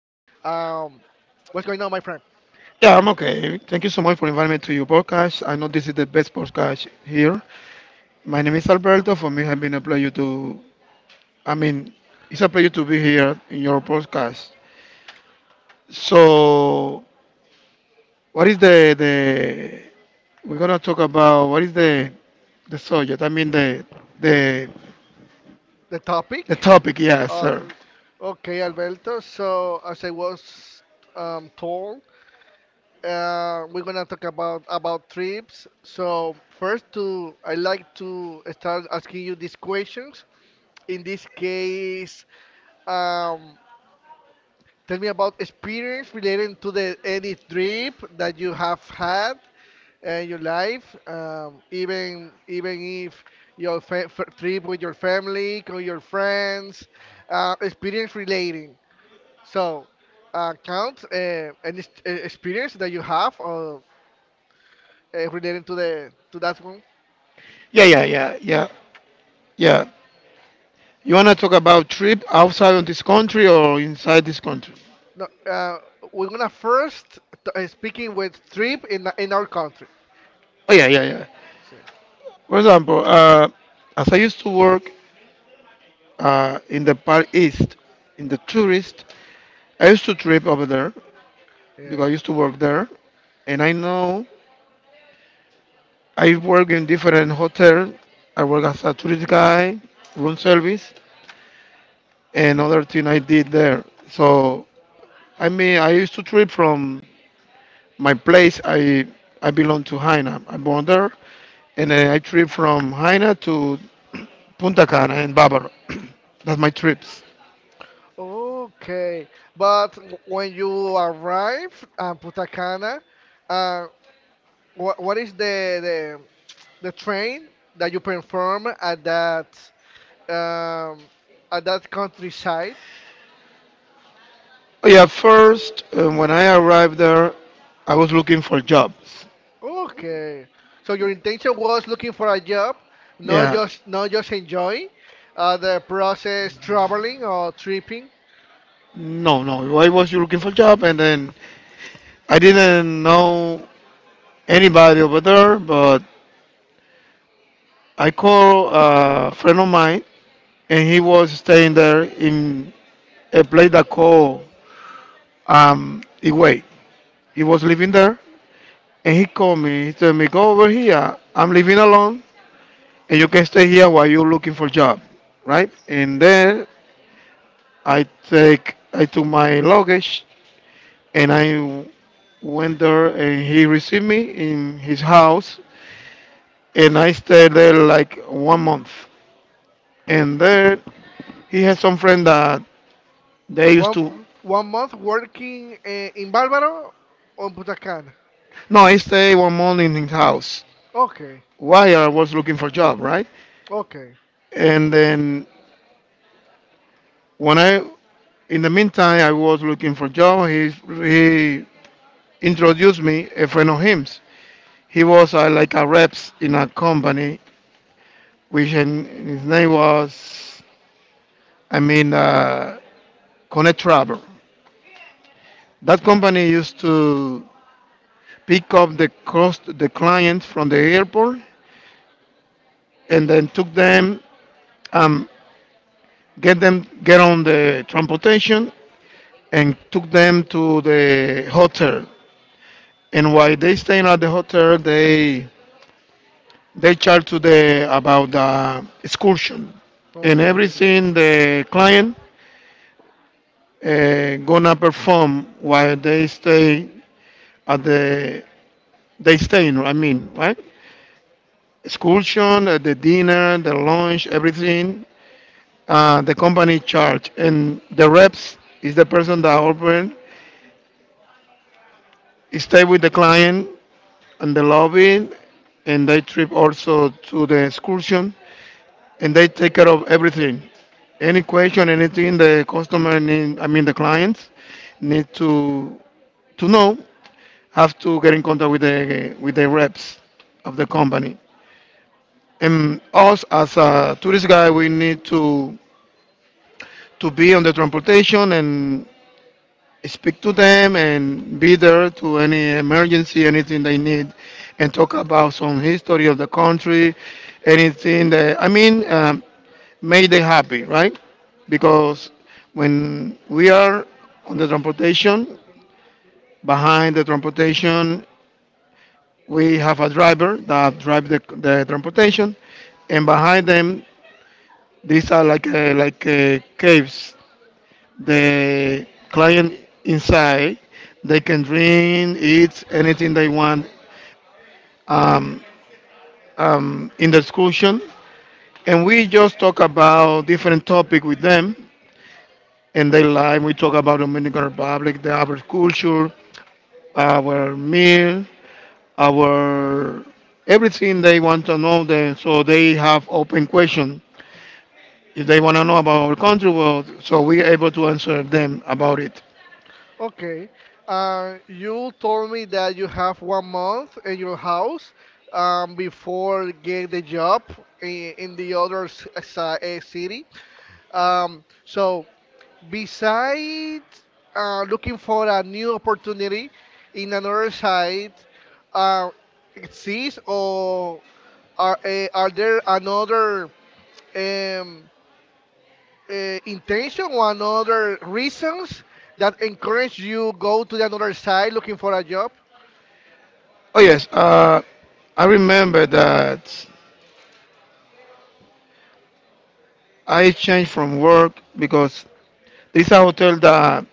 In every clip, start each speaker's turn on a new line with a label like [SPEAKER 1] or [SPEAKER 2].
[SPEAKER 1] what's going on, my friend?
[SPEAKER 2] Yeah, I'm okay. Thank you so much for inviting me to your podcast. I know this is the best podcast here. My name is Alberto. For me, it has been a pleasure I mean, it's a pleasure to be here in your podcast. So, what is the we're gonna talk about? What is the subject? I mean, the
[SPEAKER 1] The topic?
[SPEAKER 2] the topic. Yeah,
[SPEAKER 1] Okay,
[SPEAKER 2] sir.
[SPEAKER 1] okay Alberto. So, as I was told. We're gonna talk about trips. So first, to I like to start asking you these questions. In this case, um, tell me about experience relating to the any trip that you have had in your life. Even if your trip with your family, with your friends, experience relating. So count any experience that you have or. Relating to that one.
[SPEAKER 2] Yeah, yeah, yeah, yeah, yeah. You wanna talk about trip outside of this country or inside this country?
[SPEAKER 1] No, we're gonna first speaking with trip in our country.
[SPEAKER 2] Oh yeah, yeah, yeah.
[SPEAKER 1] So,
[SPEAKER 2] For example, as I used to work in the Far East, in the tourist,
[SPEAKER 1] yeah.
[SPEAKER 2] I used to trip over there because I
[SPEAKER 1] Yeah.
[SPEAKER 2] used to work there, and I know I work in different hotels. I work as a tourist guy, room service, and other thing I did there. So I mean, I used to trip from my place. I belong to Haina. I born there, and then I trip from Haina to Punta Cana and Bávaro. That's my trips.
[SPEAKER 1] Okay, but when you arrive at Punta Cana, uh, what is the train that you perform um, at that countryside?
[SPEAKER 2] Oh, yeah, first, when I arrived there, I was looking for jobs.
[SPEAKER 1] Okay. So your intention was looking for a job,
[SPEAKER 2] Yeah.
[SPEAKER 1] not just enjoy the process traveling or tripping.
[SPEAKER 2] No, no. I was looking for job, and then I didn't know anybody over there. But I called a friend of mine, and he was staying there in a place that called Iway. He was living there, and he called me. He told me, "Go over here. I'm living alone, and you can stay here while you're looking for job, right?" And then I I took my luggage and I went there and he received me in his house and I stayed there like one month. And there he had some friend that they used
[SPEAKER 1] One
[SPEAKER 2] to.
[SPEAKER 1] one month working in Bávaro on Butacán.
[SPEAKER 2] No, I stayed one month in his house.
[SPEAKER 1] Okay.
[SPEAKER 2] Why I was looking for job, right?
[SPEAKER 1] Okay.
[SPEAKER 2] And then when I in the meantime I was looking for job, he introduced me a friend of his. He was like a reps in a company which and his name was I mean, Connect Travel. That company used to pick up the cost, the clients from the airport, and then took them, um, get them, get on the transportation, and took them to the hotel. And while they staying at the hotel, they charge to the about the excursion and
[SPEAKER 1] Okay.
[SPEAKER 2] everything the client gonna perform while they stay at the they staying. I mean, right? Excursion, the dinner, the lunch, everything. The company charge and the reps is the person that open stay with the client and the lobby and they trip also to the excursion and they take care of everything. Any question, anything the customer need, I mean the clients need to know, have to get in contact with the reps of the company. And us as a tourist guide, we need to be on the transportation and speak to them and be there to any emergency, anything they need, and talk about some history of the country, anything that I mean, made they happy, right? Because when we are on the transportation, behind the transportation, we have a driver that drive the transportation, and behind them, these are like like caves the client inside. They can drink, eat anything they want um, in the excursion. And we just talk about different topic with them in their life. We talk about Dominican Republic, the our culture, our meal, our everything they want to know. Then so they have open question. If they want to know about our country, well, so we are able to answer them about it.
[SPEAKER 1] Okay. You told me that you have 1 month in your house before get the job in the other city. So besides looking for a new opportunity in another site uh, exists or are there another um, intention or another reasons that encourage you go to the another site looking for a job.
[SPEAKER 2] Oh yes, I remember that I changed from work because there's a hotel that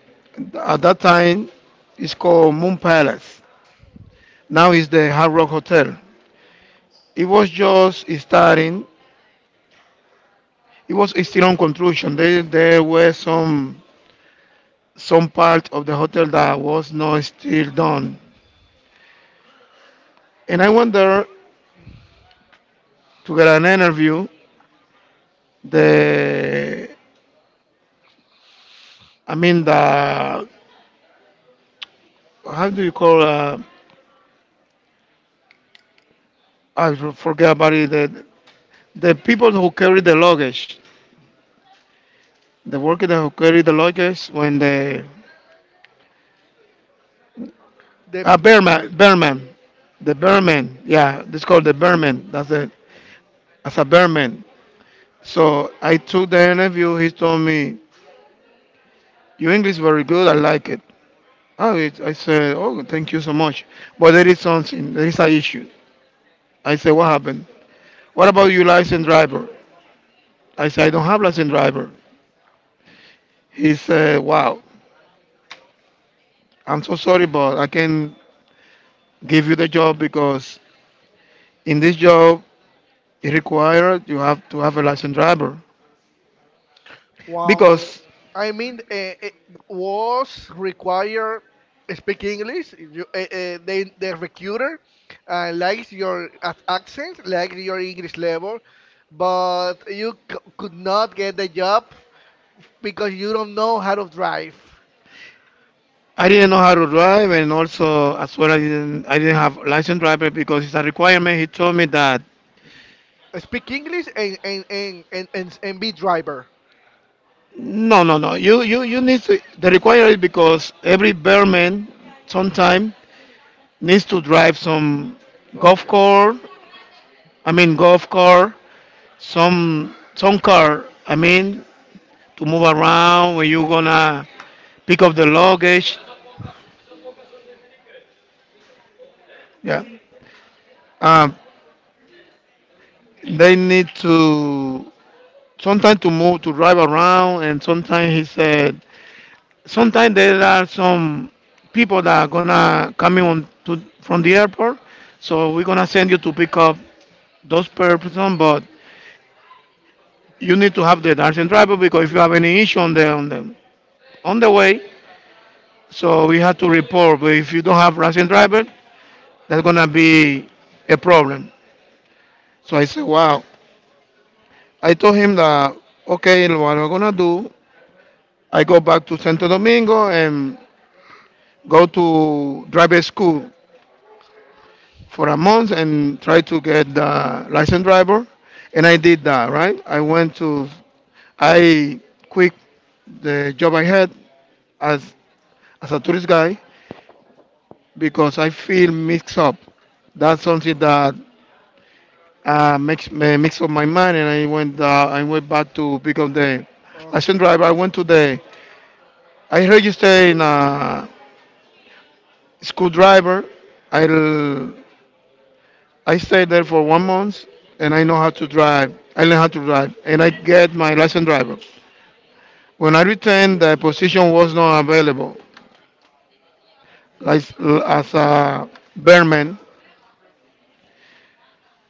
[SPEAKER 2] at that time is called Moon Palace. Now it's the Hard Rock Hotel. It was just starting. It was still on construction. There were some part of the hotel that was not still done. And I went there to get an interview. The I mean the how do you call, I forget about it. The people who carry the luggage, the worker that who carried the lodges when the
[SPEAKER 1] The
[SPEAKER 2] ah bearman bearman, the bearman. Yeah, this called the bearman. That's it. As a bearman. So I took the interview. He told me your English is very good. I like it. Oh, it, I said, oh, thank you so much. But there is something. There is an issue. I said, what happened? What about your license driver? I said, I don't have license driver. He said, wow, I'm so sorry, but I can give you the job because in this job it required you have to have a license driver
[SPEAKER 1] Well,
[SPEAKER 2] because
[SPEAKER 1] I mean, it was required speak English. The recruiter likes your accent, likes your English level, but you could not get the job because you don't know how to drive.
[SPEAKER 2] I didn't know how to drive, and also as well I didn't have license driver because it's a requirement. He told me that
[SPEAKER 1] Speak English and be driver.
[SPEAKER 2] no, no, no. You need to the requirement because every bearman sometime needs to drive some golf
[SPEAKER 1] Okay.
[SPEAKER 2] car. I mean golf car, some car. I mean to move around when you gonna pick up the luggage. Yeah. Um, they need to sometimes to move to drive around and sometimes he said sometimes there are some people that are gonna coming on to from the airport so we're gonna send you to pick up those per person but you need to have the license driver because if you have any issue on the on the on the way so we have to report but if you don't have license driver that's gonna be a problem. So I said wow, I told him that okay, what I'm gonna do, I go back to Santo Domingo and go to driver school for a month and try to get the license driver. And I did that, right? I quit the job I had as, a tourist guy because I feel mixed up. That's something that makes me mix up my mind. And I went back to pick up the license
[SPEAKER 1] Okay.
[SPEAKER 2] driver. I went to the, I registered in a school driver. I I stayed there for one month and I know how to drive. I learned how to drive and I get my license driver. When I returned, the position was not available like, as a bearman.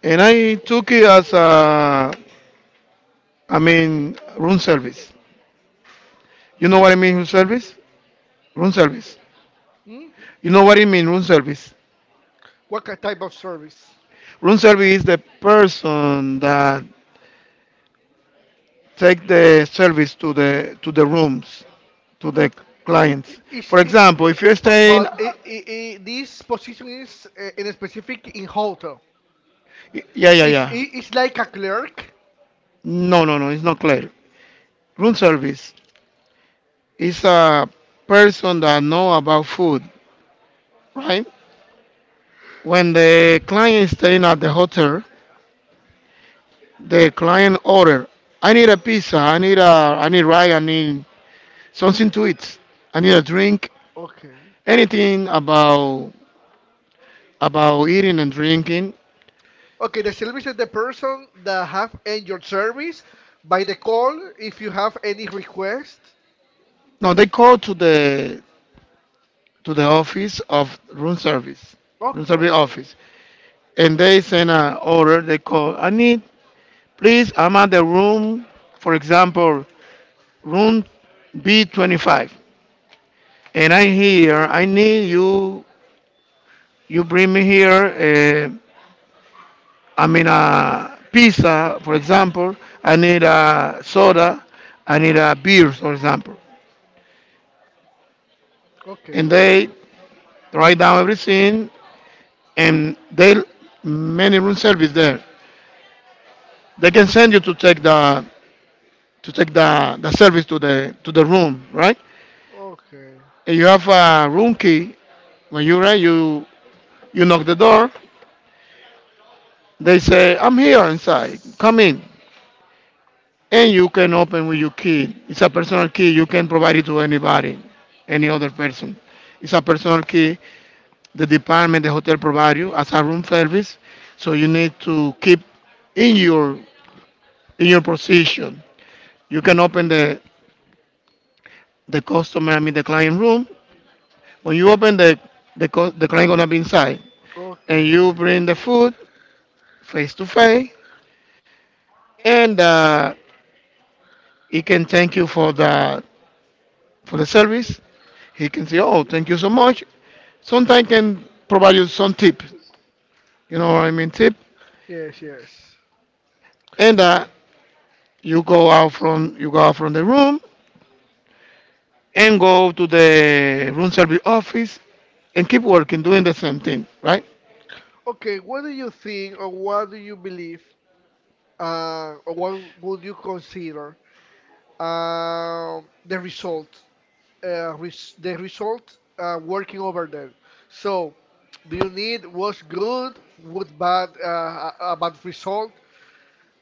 [SPEAKER 2] And I took it as a, I mean, room service. You know what I mean, room service? Room service.
[SPEAKER 1] Hmm?
[SPEAKER 2] You know what I mean, room service?
[SPEAKER 1] What type of service?
[SPEAKER 2] Room service is the person that take the service to the rooms, to the
[SPEAKER 1] I-
[SPEAKER 2] clients.
[SPEAKER 1] Is,
[SPEAKER 2] For
[SPEAKER 1] i-
[SPEAKER 2] example, if you're
[SPEAKER 1] But
[SPEAKER 2] staying,
[SPEAKER 1] but this position is in a specific in hotel.
[SPEAKER 2] yeah,
[SPEAKER 1] I-
[SPEAKER 2] yeah,
[SPEAKER 1] It's
[SPEAKER 2] yeah.
[SPEAKER 1] it, it's like a clerk.
[SPEAKER 2] No, no, no, it's not clear. Room service is a person that know about food, right? When the client is staying at the hotel, the client order, I need a pizza, I need rice, I need something to eat, I need a drink,
[SPEAKER 1] Okay.
[SPEAKER 2] anything about eating and drinking.
[SPEAKER 1] Okay. The service is the person that have in your service by the call if you have any request.
[SPEAKER 2] No, they call to the office of room
[SPEAKER 1] Okay.
[SPEAKER 2] service office, and they send an order. They call, I need, please, I'm at the room, for example, room B25, and I'm here. I need you. You bring me here. I mean, a pizza, for example. I need a soda. I need a beer, for example.
[SPEAKER 1] Okay.
[SPEAKER 2] And they write down everything, and they many room service there they can send you to take the service to the room, right?
[SPEAKER 1] Okay.
[SPEAKER 2] And you have a room key. When you arrive, you knock the door. They say, "I'm here inside. Come in." And you can open with your key. It's a personal key. You can provide it to anybody, any other person. It's a personal key. The department, the hotel provide you as a room service. So you need to keep in your in your position. You can open the customer, I mean the client room. When you open the client gonna be inside, and
[SPEAKER 1] Okay.
[SPEAKER 2] you bring the food face to face, and he can thank you for the service. He can say, "Oh, thank you so much." Sometimes can provide you some tip. You know what I mean, tip.
[SPEAKER 1] Yes. Yes.
[SPEAKER 2] And you go out from the room and go to the room service office and keep working doing the same thing, right?
[SPEAKER 1] Okay. What do you think, or what do you believe, or what would you consider the result? The result working over there. So, do you need was good, with bad, a bad result?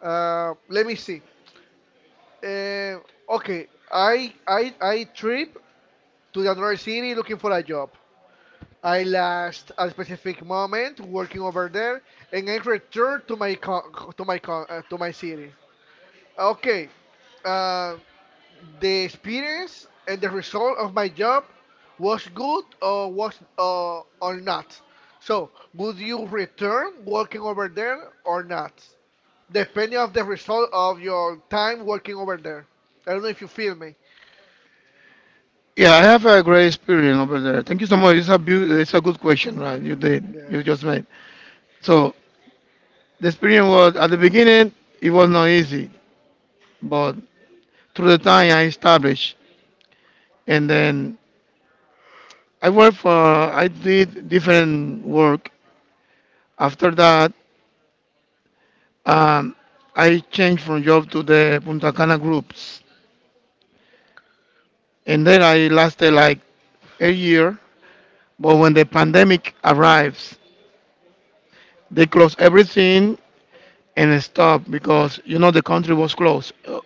[SPEAKER 1] Let me see. Uh, okay, I trip to the another city looking for a job. I last a specific moment working over there, and I return to my city. Okay. Uh, the experience and the result of my job was good or was or not. So would you return working over there or not? Depending of the result of your time working over there. I don't know if you feel me.
[SPEAKER 2] Yeah, I have a great experience over there. Thank you so much. It's a good question, right? You just
[SPEAKER 1] Yes.
[SPEAKER 2] made. So the experience was at the beginning it was not easy, but through the time I established, and then I did different work. After that, um, I changed from job to the Punta Cana groups, and then I lasted like a year. But when the pandemic arrives, they close everything and stop because you know the country was closed.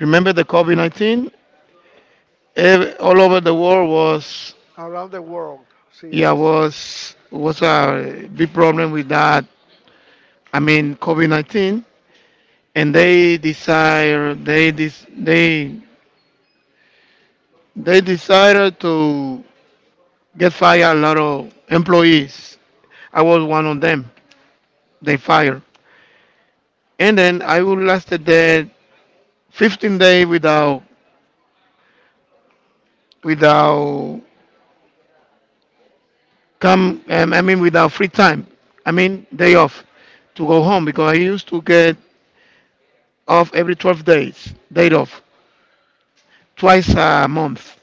[SPEAKER 2] Remember the COVID 19? All over the world was.
[SPEAKER 1] Around the world. So
[SPEAKER 2] Yeah,
[SPEAKER 1] yes.
[SPEAKER 2] was a big problem with that. I mean, COVID-19, and they desire they dis, they decided to get fired a lot of employees. I was one of them. They fired, and then I would lasted there 15 days without come. I mean, without free time. I mean, day off to go home because I used to get off every 12 days, day off twice a month.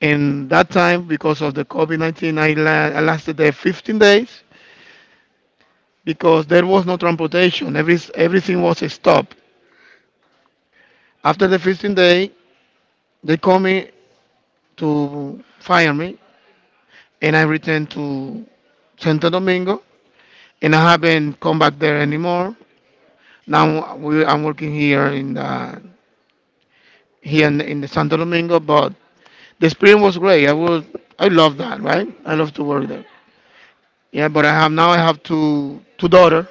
[SPEAKER 2] In that time, because of the COVID COVID-19, I lasted there 15 days because there was no transportation. Everything was stopped. After the 15-day, they called me to fire me, and I returned to Santo Domingo, and I haven't come back there anymore. Now, I'm working here in the Santo Domingo, but the experience was great. I love that, right? I love to work there. Yeah, but I have now I have two daughter,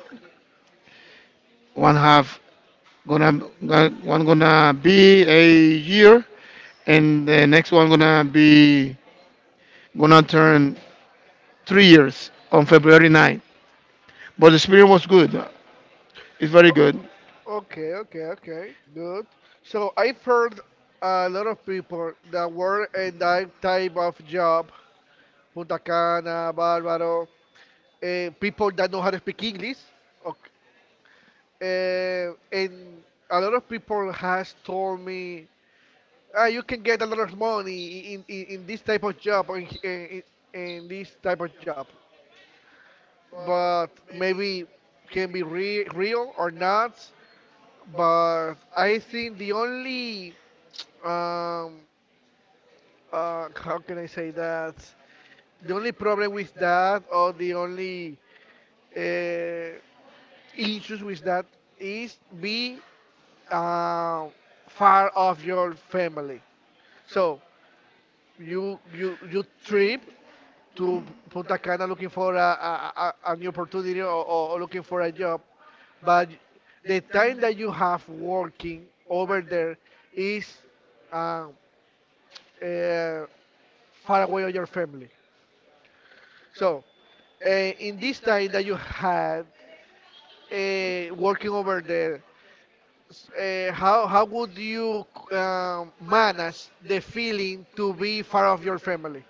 [SPEAKER 2] one half Gonna one gonna be a year, and the next one gonna turn 3 years on February 9th. But the experience was good. It's very
[SPEAKER 1] O-
[SPEAKER 2] good.
[SPEAKER 1] Okay, okay, okay. Good. So I've heard a lot of people that work in that type of job Punta Cana, Bárbaro, eh, people that know how to speak English. Okay. Eh, and a lot of people has told me, ah, you can get a lot of money in this type of job, or in this type of job. But maybe can be real or not. But I think the only, um, how can I say that? The only problem with that, or the only uh, issues with that is be um, far of your family. So you trip to Punta Cana looking for a new opportunity or looking for a job, but the time that you have working over there is um, uh, eh, far away of your family. So in this time that you had working over there, how would you manage the feeling to be far of your family?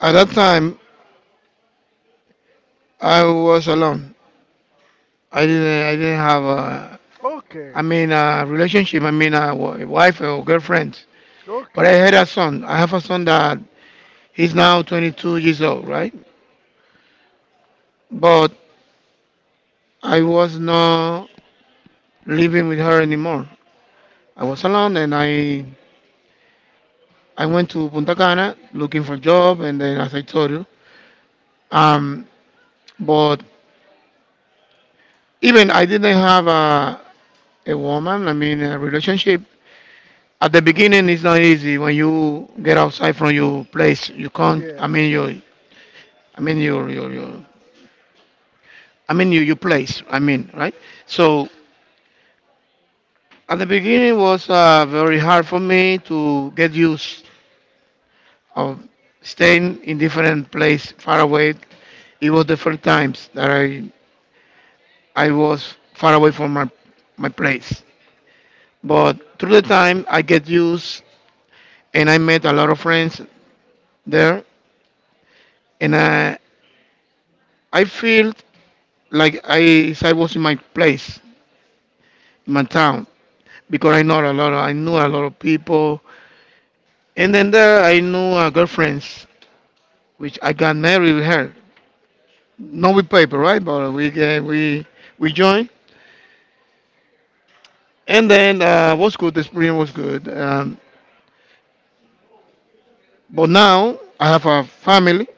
[SPEAKER 2] At that time, I was alone. I didn't have a,
[SPEAKER 1] Okay,
[SPEAKER 2] I mean, a relationship. I mean, a wife or girlfriend. But I
[SPEAKER 1] okay,
[SPEAKER 2] had a son. I have a son that he's now 22 years old, right? But I was not living with her anymore. I was alone, and I went to Punta Cana looking for a job, and then as I told you, um, but even I didn't have a woman. I mean, a relationship. At the beginning, it's not easy when you get outside from your place. You can't. I mean,
[SPEAKER 1] yes.
[SPEAKER 2] your. I mean, your. I mean, your place. I mean, right? So at the beginning was very hard for me to get used of staying in different place far away. It was the first times that I was far away from my place. But through the time, I get used and I met a lot of friends there. And I feel like I was in my place, in my town, because I knew a lot of people. And then there, I knew a girlfriend, which I got married with her. Not with paper, right? But we joined. And then was good. The experience was good. But now I have a family,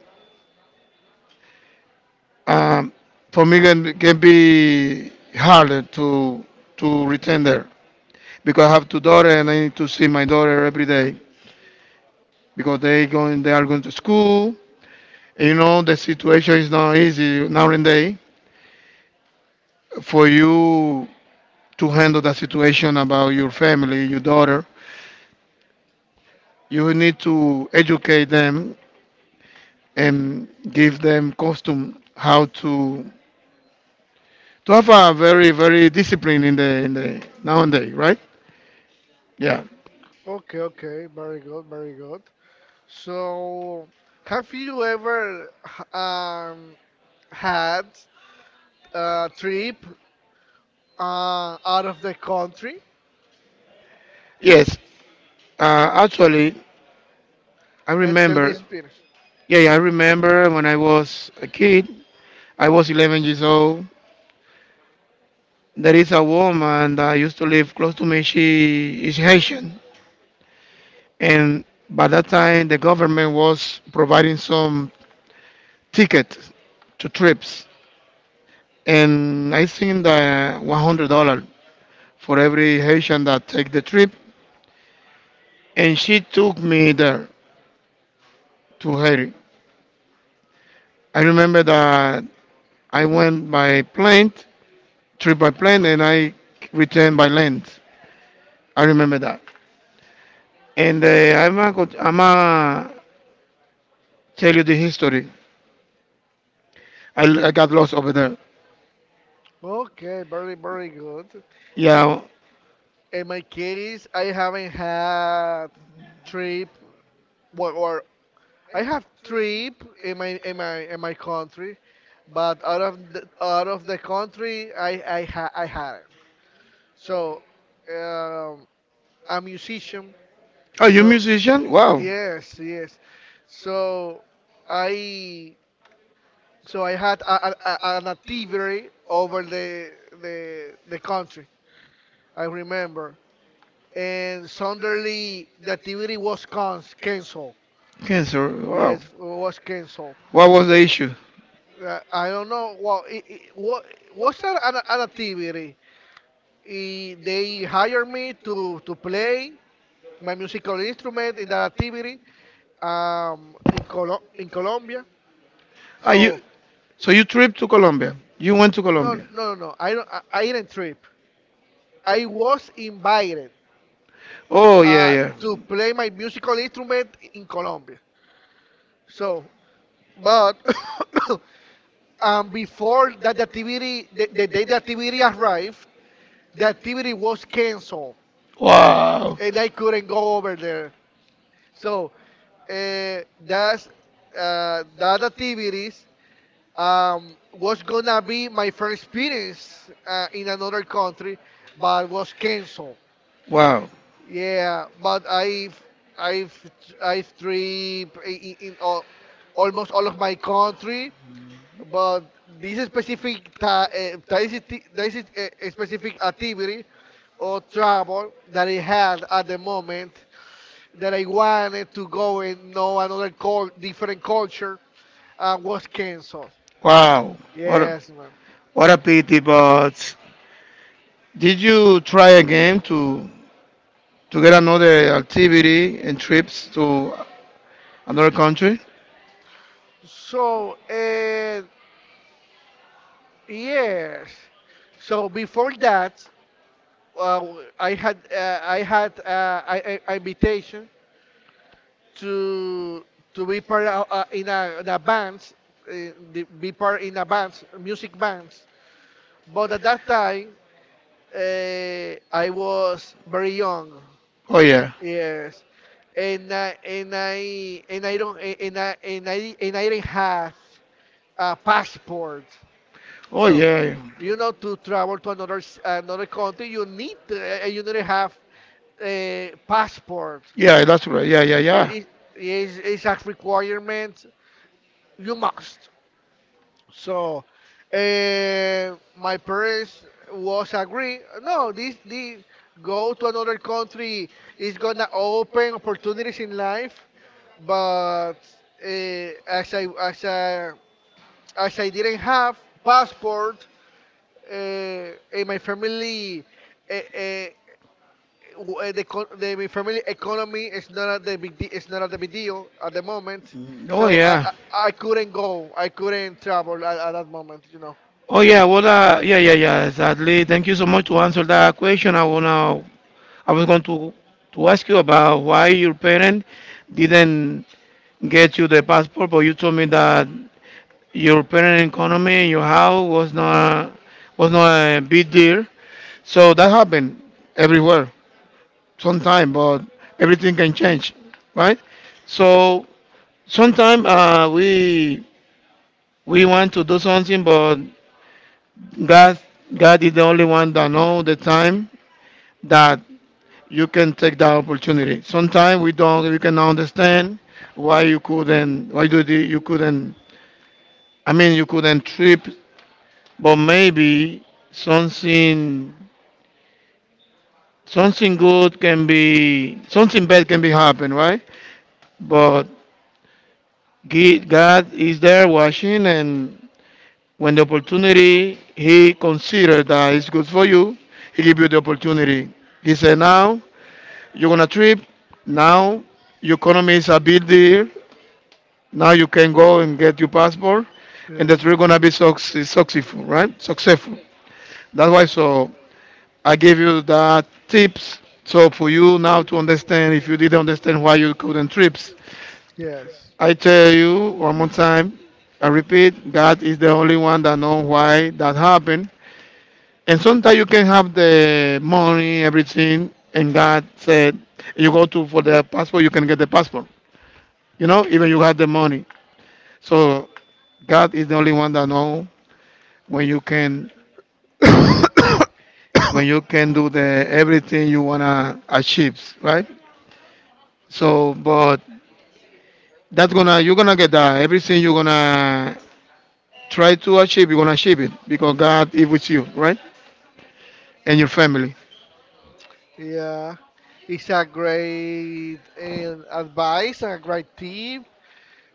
[SPEAKER 2] um, for me can be harder to return there because I have two daughters and I need to see my daughter every day because they are going to school. And you know the situation is not easy now and day for you to handle the situation about your family, your daughter. You need to educate them and give them custom how to have a very very discipline in the nowadays, right? Yeah.
[SPEAKER 1] Okay, okay, very good, very good. So, have you ever had a trip out of the country?
[SPEAKER 2] Yes. Actually, I
[SPEAKER 1] And tell me
[SPEAKER 2] remember.
[SPEAKER 1] experience.
[SPEAKER 2] Yeah, yeah, I remember when I was a kid. I was 11 years old. There is a woman that used to live close to me. She is Haitian, and by that time the government was providing some tickets to trips, and I think that $100 for every Haitian that take the trip. And she took me there to Haiti. I remember that I went by plane trip by plane, and I returned by land. I remember that. And I'm a tell you the history. I got lost over there.
[SPEAKER 1] Okay, very, very good.
[SPEAKER 2] Yeah.
[SPEAKER 1] In my case, I haven't had trip, well, or I have trip in my in my in my country, but out of the country, I hadn't. So, um, I'm musician.
[SPEAKER 2] Are you
[SPEAKER 1] So,
[SPEAKER 2] musician? Wow.
[SPEAKER 1] yes, yes. So, I I had an activity over the country. I remember. And suddenly the activity was canceled.
[SPEAKER 2] Cancer. Wow.
[SPEAKER 1] Yes, it was canceled.
[SPEAKER 2] What was the issue?
[SPEAKER 1] I don't know what it, what was that an activity. They hired me to play my musical instrument in that activity in Colombia.
[SPEAKER 2] Are you
[SPEAKER 1] So,
[SPEAKER 2] so you trip to Colombia? You went to
[SPEAKER 1] no
[SPEAKER 2] Colombia?
[SPEAKER 1] no no no I don't, I didn't trip. I was invited
[SPEAKER 2] Oh yeah, yeah.
[SPEAKER 1] to play my musical instrument in Colombia. So, but and before that the activity, the day the activity arrived, the activity was canceled,
[SPEAKER 2] Wow.
[SPEAKER 1] and I couldn't go over there. So uh, that's that activities was gonna be my first experience in another country, but was canceled.
[SPEAKER 2] Wow.
[SPEAKER 1] Yeah, but I've I've tripped in all, almost all of my country. But this specific this is a specific activity or trouble that I had at the moment that I wanted to go and know another different culture and was canceled.
[SPEAKER 2] Wow. What a,
[SPEAKER 1] Yes, man.
[SPEAKER 2] what a pity, but did you try again to get another activity and trips to another country?
[SPEAKER 1] So yes. So before that, uh, I had invitation to to be part of, in a band, uh, be part in a band, music bands. But at that time, I was very young.
[SPEAKER 2] Oh yeah.
[SPEAKER 1] Yes, and I and I and I didn't have a passport.
[SPEAKER 2] Oh
[SPEAKER 1] So,
[SPEAKER 2] yeah.
[SPEAKER 1] you know, to travel to another another country, you need to have a passport.
[SPEAKER 2] Yeah, that's right. Yeah, yeah, yeah.
[SPEAKER 1] It, it's a requirement you must. So, my parents was agree. No, this go to another country is gonna open opportunities in life. But as I as I as I didn't have passport, and my family uh, uh, the my family economy is not at the big it's not at the big deal at the moment.
[SPEAKER 2] Oh
[SPEAKER 1] So I,
[SPEAKER 2] yeah.
[SPEAKER 1] I I couldn't go. I couldn't travel at that moment. You know.
[SPEAKER 2] Oh yeah, well, yeah, yeah, yeah. Exactly. Thank you so much to answer that question. I was going to ask you about why your parent didn't get you the passport, but you told me that your parent economy in your house was not a big deal. So that happened everywhere, sometime, but everything can change, right? So sometime we want to do something, but God God is the only one that know the time that you can take that opportunity. Sometimes we cannot understand why you couldn't, you couldn't. I mean, you couldn't trip, but maybe something, something good can be, something bad can be happen, right? But God is there watching, and when the opportunity He considered that is good for you, He give you the opportunity. He said, now you're gonna trip. Now your economy is a big deal. Now you can go and get your passport, and
[SPEAKER 1] Yeah.
[SPEAKER 2] that you're gonna be successful, right? Successful. That's why. So I gave you that tips. So for you now to understand, if you didn't understand why you couldn't trips,
[SPEAKER 1] Yes.
[SPEAKER 2] I tell you one more time. I repeat, God is the only one that knows why that happened. And sometimes you can have the money, everything, and God said, you go to for the passport, you can get the passport. You know, even you have the money. So God is the only one that know when you can when you can do the everything you wanna achieve, right? So, but that's gonna you're gonna get that everything you're gonna try to achieve, you're gonna achieve it because God is with you, right? And your family.
[SPEAKER 1] Yeah. It's a great advice and a great tip.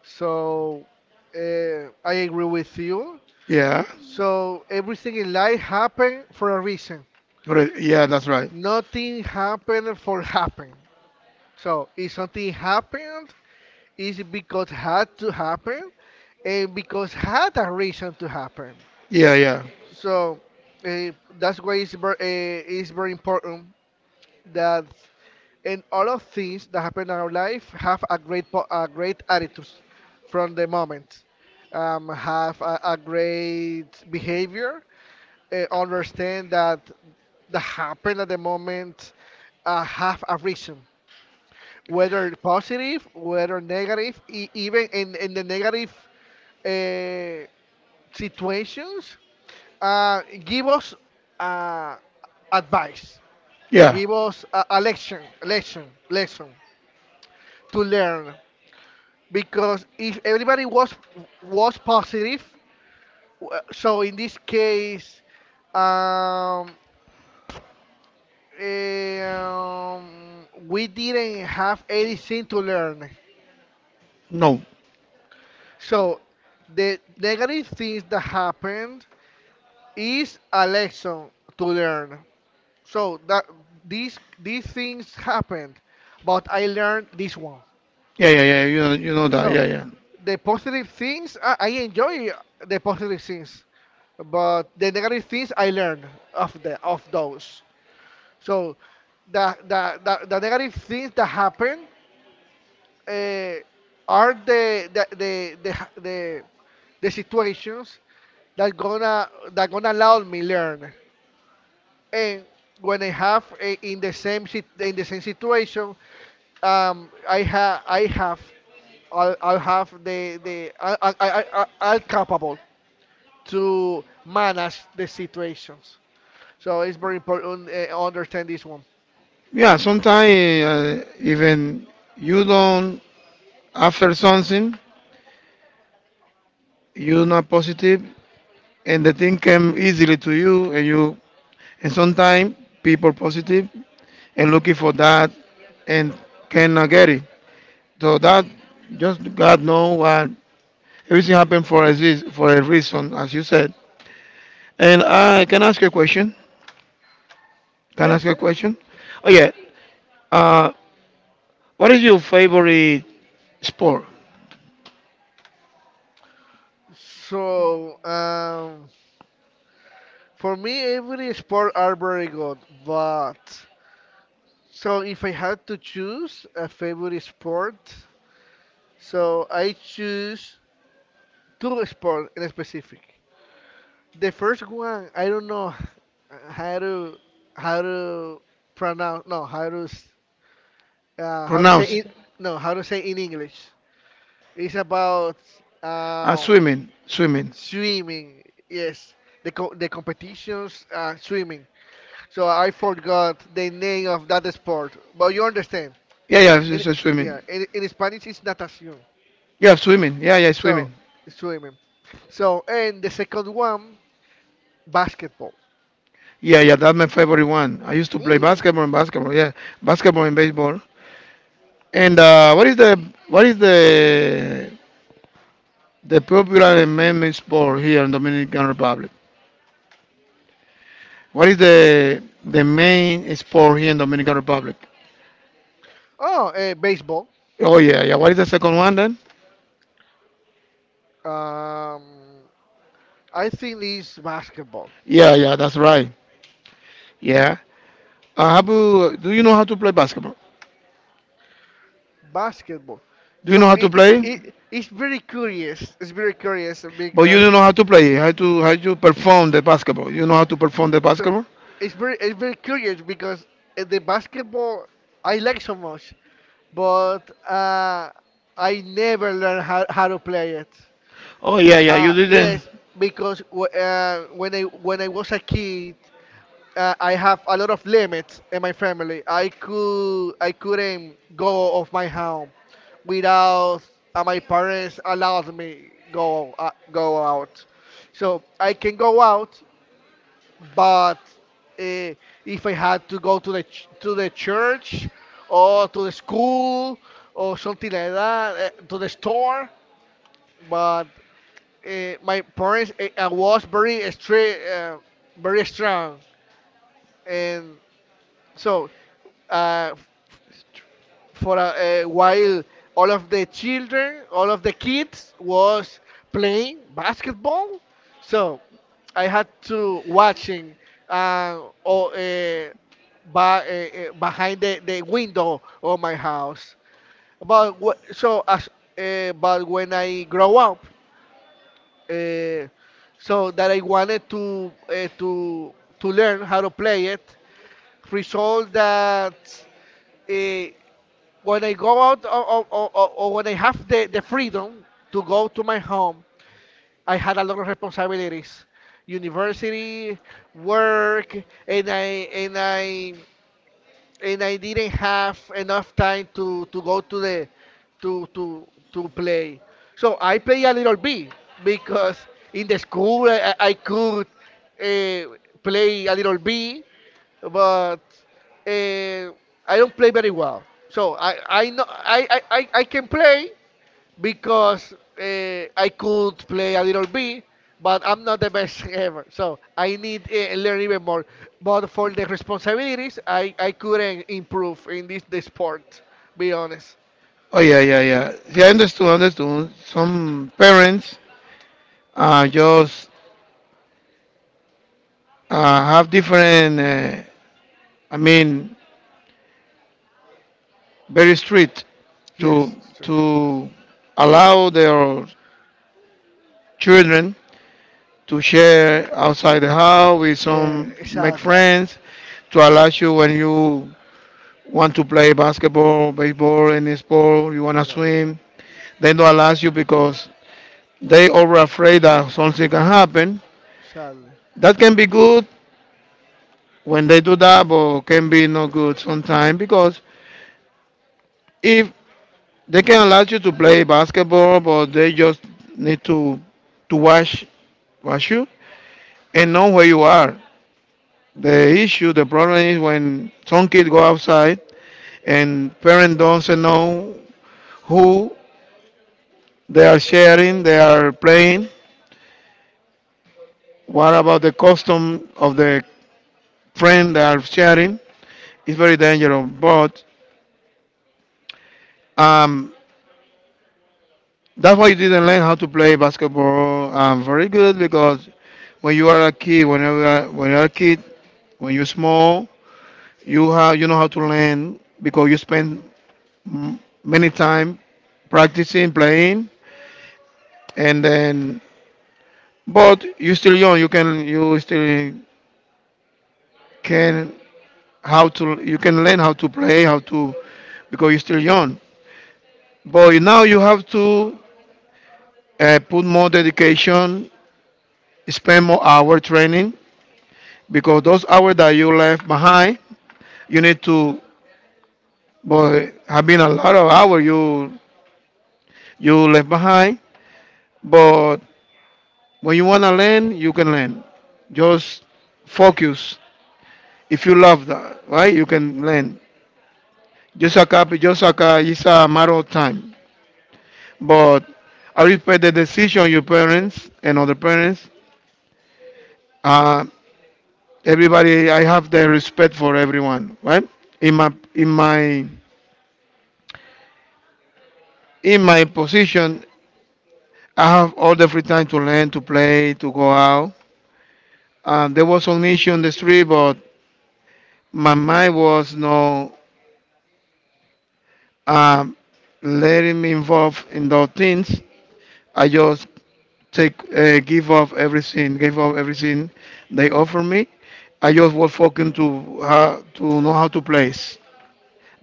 [SPEAKER 1] So I agree with you.
[SPEAKER 2] Yeah.
[SPEAKER 1] So everything in life happened for a reason.
[SPEAKER 2] Right. Yeah, that's right.
[SPEAKER 1] Nothing happened for happen. So if something happened, is because had to happen and because had a reason to happen.
[SPEAKER 2] Yeah, yeah,
[SPEAKER 1] So uh, that's why it's very important that in all of things that happen in our life have a great a great attitude from the moment. Have a great behavior. Understand that the happen at the moment have a reason, whether positive, whether negative, even in the negative uh, situations, give us uh, advice,
[SPEAKER 2] yeah.
[SPEAKER 1] give us a lesson to learn. Because if everybody was positive, so in this case, um, we didn't have anything to learn.
[SPEAKER 2] No.
[SPEAKER 1] So the negative things that happened is a lesson to learn. So that these things happened, but I learned this one.
[SPEAKER 2] Yeah, yeah, yeah. You know that.
[SPEAKER 1] So
[SPEAKER 2] Yeah, yeah.
[SPEAKER 1] the positive things I enjoy the positive things, but the negative things I learned of those. So the negative things that happen uh, are the situations that gonna allow me learn, and when I have in the same situation um i ha i have I'll have the I, I'm capable to manage the situations. So it's very important understand this one.
[SPEAKER 2] Yeah. Sometimes even you don't after something you're not positive, and the thing came easily to you, and you and sometimes people positive and looking for that and cannot get it. So that just God know what everything happened for a reason, as you said. And I can ask you a question. Can I ask you
[SPEAKER 1] Yes.
[SPEAKER 2] a question? Oh yeah. Uh, What is your favorite sport?
[SPEAKER 1] So for me every sport are very good, but so if I had to choose a favorite sport, so I choose two sports in specific. The first one I don't know uh, how to how to pronounce no how to s- how to say
[SPEAKER 2] Pronounce
[SPEAKER 1] in
[SPEAKER 2] it.
[SPEAKER 1] no how to say in English. It's about um,
[SPEAKER 2] Swimming. Swimming.
[SPEAKER 1] swimming. Yes, the the competitions swimming. So I forgot the name of that sport, but you understand.
[SPEAKER 2] Yeah, yeah,
[SPEAKER 1] In,
[SPEAKER 2] it's swimming.
[SPEAKER 1] yeah, in Spanish it's natación.
[SPEAKER 2] Yeah, swimming. Yeah, yeah,
[SPEAKER 1] So
[SPEAKER 2] swimming.
[SPEAKER 1] swimming. So and the second one basketball.
[SPEAKER 2] Yeah, yeah, that's my favorite one. I used to play
[SPEAKER 1] Mhm.
[SPEAKER 2] basketball and basketball. Yeah, basketball and baseball. And what is the popular main sport here in Dominican Republic? What is the main sport here in Dominican Republic?
[SPEAKER 1] Oh, baseball.
[SPEAKER 2] Oh yeah, yeah. What is the second one then?
[SPEAKER 1] Um, I think it's basketball.
[SPEAKER 2] Yeah, yeah, that's right. Yeah. Habu, do you know how to play basketball?
[SPEAKER 1] Basketball.
[SPEAKER 2] Do you know
[SPEAKER 1] So
[SPEAKER 2] how to play?
[SPEAKER 1] it's very curious. It's very curious
[SPEAKER 2] But you
[SPEAKER 1] because
[SPEAKER 2] don't know how to play. How to perform the basketball? You know how to perform the
[SPEAKER 1] so
[SPEAKER 2] basketball?
[SPEAKER 1] it's very curious because the basketball I like so much, but I never learned how to play it.
[SPEAKER 2] Oh yeah, yeah, you didn't.
[SPEAKER 1] Yes, because when I was a kid, I have a lot of limits in my family. I couldn't go off my home without my parents allowed me go go out. So I can go out, but uh, if I had to go to the to the church or to the school or something like that, to the store, but my parents was very strict, very strong, and so. Uh, for a while all of the children, all of the kids was playing basketball. So I had to watching uh, or, uh, by, behind the window of my house. But so as but when I grow up, uh, so that I wanted to learn how to play it. Result that uh, when I go out or when I have the freedom to go to my home, I had a lot of responsibilities. University, work, and I and I and I didn't have enough time to go to the to to to play. So I play a little bit because in the school I could uh, play a little bit, but uh, I don't play very well. So I know I can play because I could play a little bit, but I'm not the best ever. So I need learn even more. But for the responsibilities, I couldn't improve in this the sport. Be honest.
[SPEAKER 2] Oh yeah, yeah, yeah. Yeah, I understood. Some parents just have different. I mean, very strict
[SPEAKER 1] Yes,
[SPEAKER 2] to
[SPEAKER 1] it's true.
[SPEAKER 2] to allow their children to share outside the house with
[SPEAKER 1] Yeah,
[SPEAKER 2] some make
[SPEAKER 1] sadly.
[SPEAKER 2] friends to allow you when you want to play basketball, baseball, any sport, you want to
[SPEAKER 1] Yeah,
[SPEAKER 2] swim, they don't allow you because they over afraid that something can happen.
[SPEAKER 1] sadly.
[SPEAKER 2] That can be good when they do that, but can be not good sometimes because if they can allow you to play basketball, but they just need to watch you and know where you are. The issue, the problem is when some kids go outside and parents don't know who they are sharing, they are playing. What about the custom of the friend that are sharing? It's very dangerous, but um, that's why you didn't learn how to play basketball very good because when you are a kid, when you're small, you know how to learn because you spend m- many time practicing playing, and then but you're still young. Can you can learn how to play how to because you're still young. But now you have to put more dedication, spend more hour training because those hours that you left behind, you need to. But have been a lot of hours you left behind. But when you wanna learn, you can learn. Just focus. If you love that, right? You can learn. Just a copy, it's a matter of time. But I respect the decision your parents and other parents. Uh, Everybody, I have the respect for everyone, right? In my in my position, I have all the free time to learn, to play, to go out. There was some issue on the street, but my mind was no, um, letting me involve in those things. I just take give up everything, give up everything they offer me. I just was focused to how to know how to play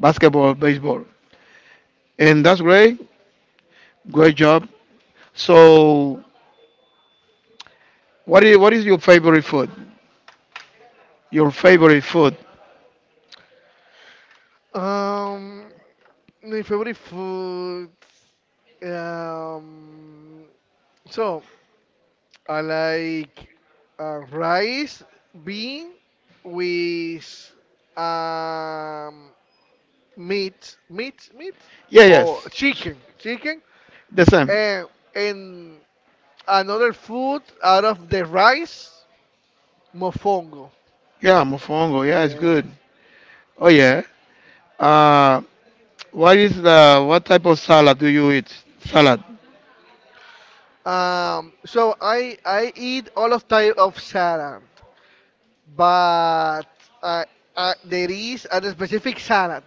[SPEAKER 2] basketball, baseball, and that's great, great job. So, what is your favorite food? Your favorite food?
[SPEAKER 1] Um. My favorite food. Um, so I like rice, bean with um, meat, meat, meat,
[SPEAKER 2] Yeah,
[SPEAKER 1] or
[SPEAKER 2] yes.
[SPEAKER 1] chicken, chicken,
[SPEAKER 2] The same.
[SPEAKER 1] and and another food out of the rice, mofongo.
[SPEAKER 2] Yeah, mofongo. Yeah, it's good.
[SPEAKER 1] Yes.
[SPEAKER 2] Oh yeah. Uh, what is the what type of salad do you eat? Salad.
[SPEAKER 1] So I eat all of type of salad. But uh, there is a specific salad.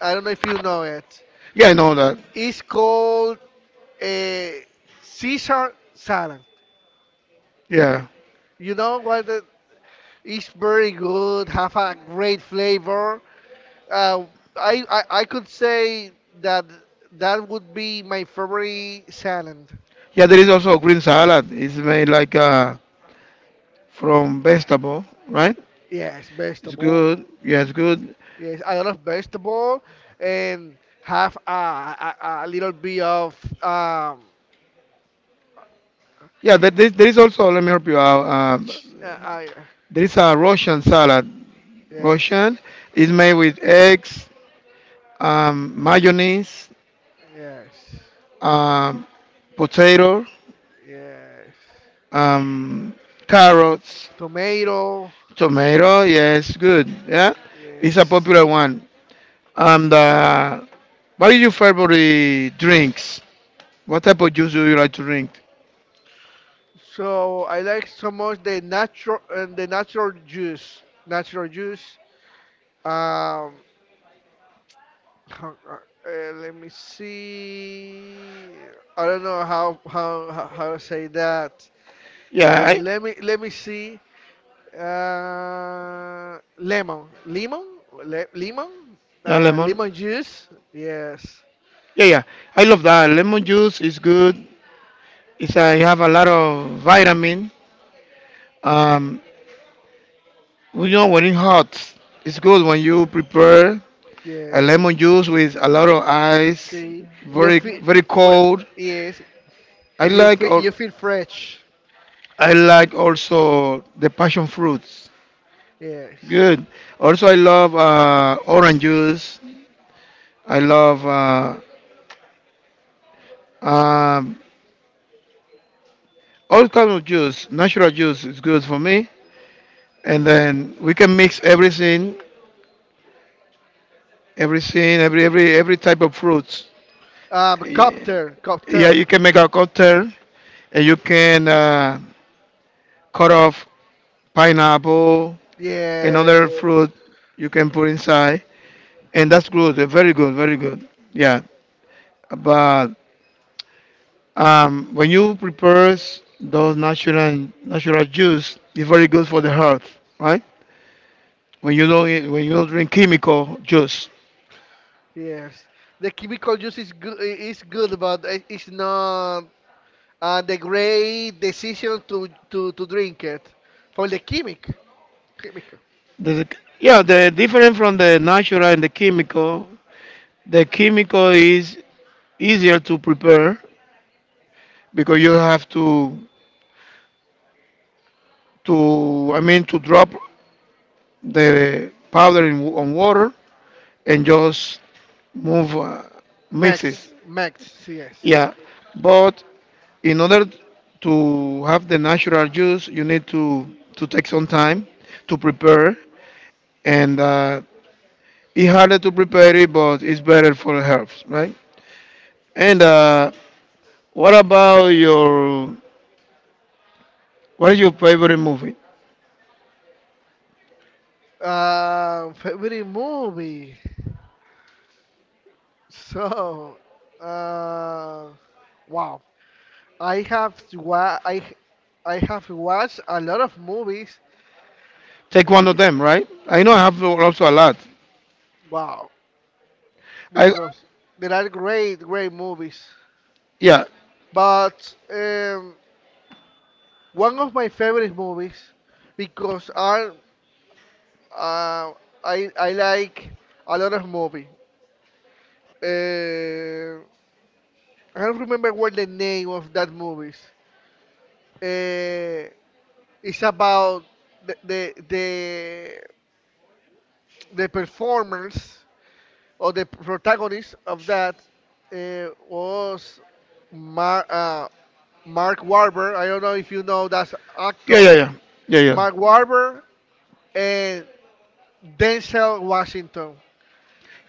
[SPEAKER 1] I don't know if you know it.
[SPEAKER 2] Yeah, I know that.
[SPEAKER 1] It's called a Caesar salad.
[SPEAKER 2] Yeah.
[SPEAKER 1] You know what? It's very good. Have a great flavor. Uh, I could say that that would be my favorite salad.
[SPEAKER 2] Yeah, there is also a green salad. It's made like from vegetable, right?
[SPEAKER 1] Yes,
[SPEAKER 2] It's
[SPEAKER 1] vegetable.
[SPEAKER 2] good. Yeah, it's good.
[SPEAKER 1] Yes, a lot of vegetable and have a little bit of.
[SPEAKER 2] Yeah, there is also. Let me help you out.
[SPEAKER 1] Uh, I,
[SPEAKER 2] There is
[SPEAKER 1] yeah.
[SPEAKER 2] a Russian salad. Russian
[SPEAKER 1] Yes.
[SPEAKER 2] is made with eggs, mayonnaise,
[SPEAKER 1] Yes.
[SPEAKER 2] um, potato,
[SPEAKER 1] Yes.
[SPEAKER 2] um, carrots,
[SPEAKER 1] Tomato.
[SPEAKER 2] tomato. Yes, good. Yeah, it's a
[SPEAKER 1] Yes.
[SPEAKER 2] popular one. And what is your favorite drinks? What type of juice do you like to drink?
[SPEAKER 1] So I like so much the natural and the natural juice. Natural juice. Um. how- Let me see. I don't know how to say that.
[SPEAKER 2] Yeah,
[SPEAKER 1] Uh, let me let me see. Uh, lemon, lemon, Lemon,
[SPEAKER 2] yeah, lemon.
[SPEAKER 1] lemon juice. Yes,
[SPEAKER 2] Yeah, yeah. I love that. Lemon juice is good. It's you have a lot of vitamin. Um, you know when it hot, it's good when you prepare a
[SPEAKER 1] yes.
[SPEAKER 2] lemon juice with a lot of ice,
[SPEAKER 1] See, you
[SPEAKER 2] very
[SPEAKER 1] feel
[SPEAKER 2] very
[SPEAKER 1] what?
[SPEAKER 2] cold.
[SPEAKER 1] Yes,
[SPEAKER 2] I like or
[SPEAKER 1] you feel fresh.
[SPEAKER 2] I like also the passion fruits.
[SPEAKER 1] Yes.
[SPEAKER 2] Good. Also, I love orange juice. I love um, all kind of juice. Natural juice is good for me. And then we can mix everything, everything, every type of fruits. Yeah,
[SPEAKER 1] Copter,
[SPEAKER 2] yeah,
[SPEAKER 1] copter.
[SPEAKER 2] you can make a cocktail and you can cut off pineapple and other
[SPEAKER 1] Yes,
[SPEAKER 2] fruit you can put inside. And that's good, very good, very good. Yeah, but when you prepare those natural juice, it's very good for the health, right? When you don't eat, when you don't drink chemical juice,
[SPEAKER 1] yes. The chemical juice is good. Is good, but it- it's not the great decision to drink it for the chemic, chemical.
[SPEAKER 2] the, yeah, the different from the natural and the chemical is easier to prepare because you have to, I mean, to drop the powder on water, and just move mix it.
[SPEAKER 1] Max, Max. Yes.
[SPEAKER 2] Yeah, but in order to have the natural juice, you need to take some time to prepare, and it's harder to prepare it, but it's better for the health, right? And what about your what is your favorite movie?
[SPEAKER 1] Favorite movie. So, uh, wow. I have wa- I I have watched a lot of movies.
[SPEAKER 2] Take one of them, right? I know I have also a lot.
[SPEAKER 1] Wow,
[SPEAKER 2] I
[SPEAKER 1] because there are great great movies.
[SPEAKER 2] Yeah.
[SPEAKER 1] But one of my favorite movies because uh, I like a lot of movies. Uh, I don't remember what the name of that movies. Uh, it's about the the the, the performers or the protagonist of that was Mar- uh, Mark Wahlberg. I don't know if you know that
[SPEAKER 2] Yeah,
[SPEAKER 1] actor,
[SPEAKER 2] yeah, yeah. Yeah, yeah.
[SPEAKER 1] Mark Wahlberg, and Denzel Washington.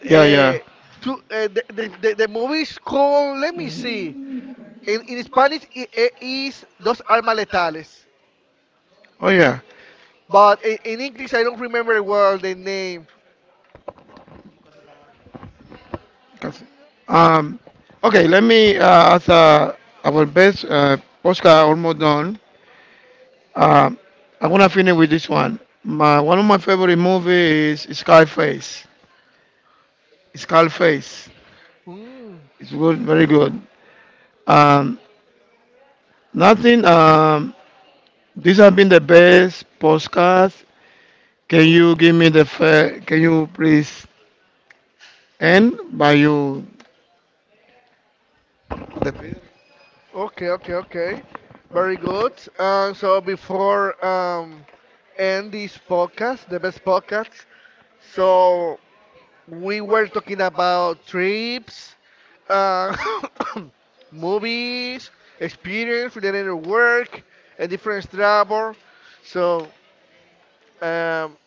[SPEAKER 2] Yeah, yeah.
[SPEAKER 1] Uh, two, The movie is called. Let me see. In Spanish, it is Dos Almas Letales,
[SPEAKER 2] Oh, yeah.
[SPEAKER 1] but in English, I don't remember well the name.
[SPEAKER 2] 'Cause- Um, okay, let me, as our best postcard almost done, uh, I'm gonna finish with this one. My one of my favorite movies is Scarface. Scarface.
[SPEAKER 1] Hmm.
[SPEAKER 2] It's good, very good. Um, Nothing. This has been the best podcast. Can you give me the fair? Can you please end by you? The,
[SPEAKER 1] Okay, okay, okay. Very good. So before end this podcast, the best podcast. So we were talking about trips, uh, movies, experience related to work, and different travel. So um,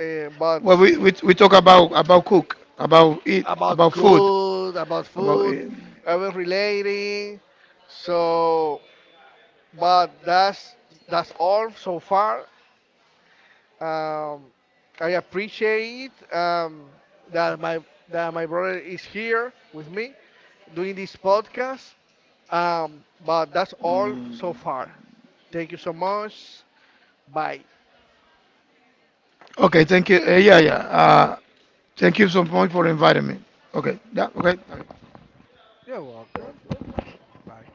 [SPEAKER 1] but
[SPEAKER 2] well, we talk about cook, about eat,
[SPEAKER 1] About
[SPEAKER 2] about food,
[SPEAKER 1] food, about food, about
[SPEAKER 2] about.
[SPEAKER 1] food,
[SPEAKER 2] It.
[SPEAKER 1] about relating. So but that's all so far. Um, I appreciate that my that my brother is here with me doing this podcast. But that's all so far. Thank you so much. Bye.
[SPEAKER 2] Okay, thank you. Yeah, yeah. Thank you so much for inviting me. Okay, yeah,
[SPEAKER 1] Okay.
[SPEAKER 2] okay.
[SPEAKER 1] You're welcome. Bye.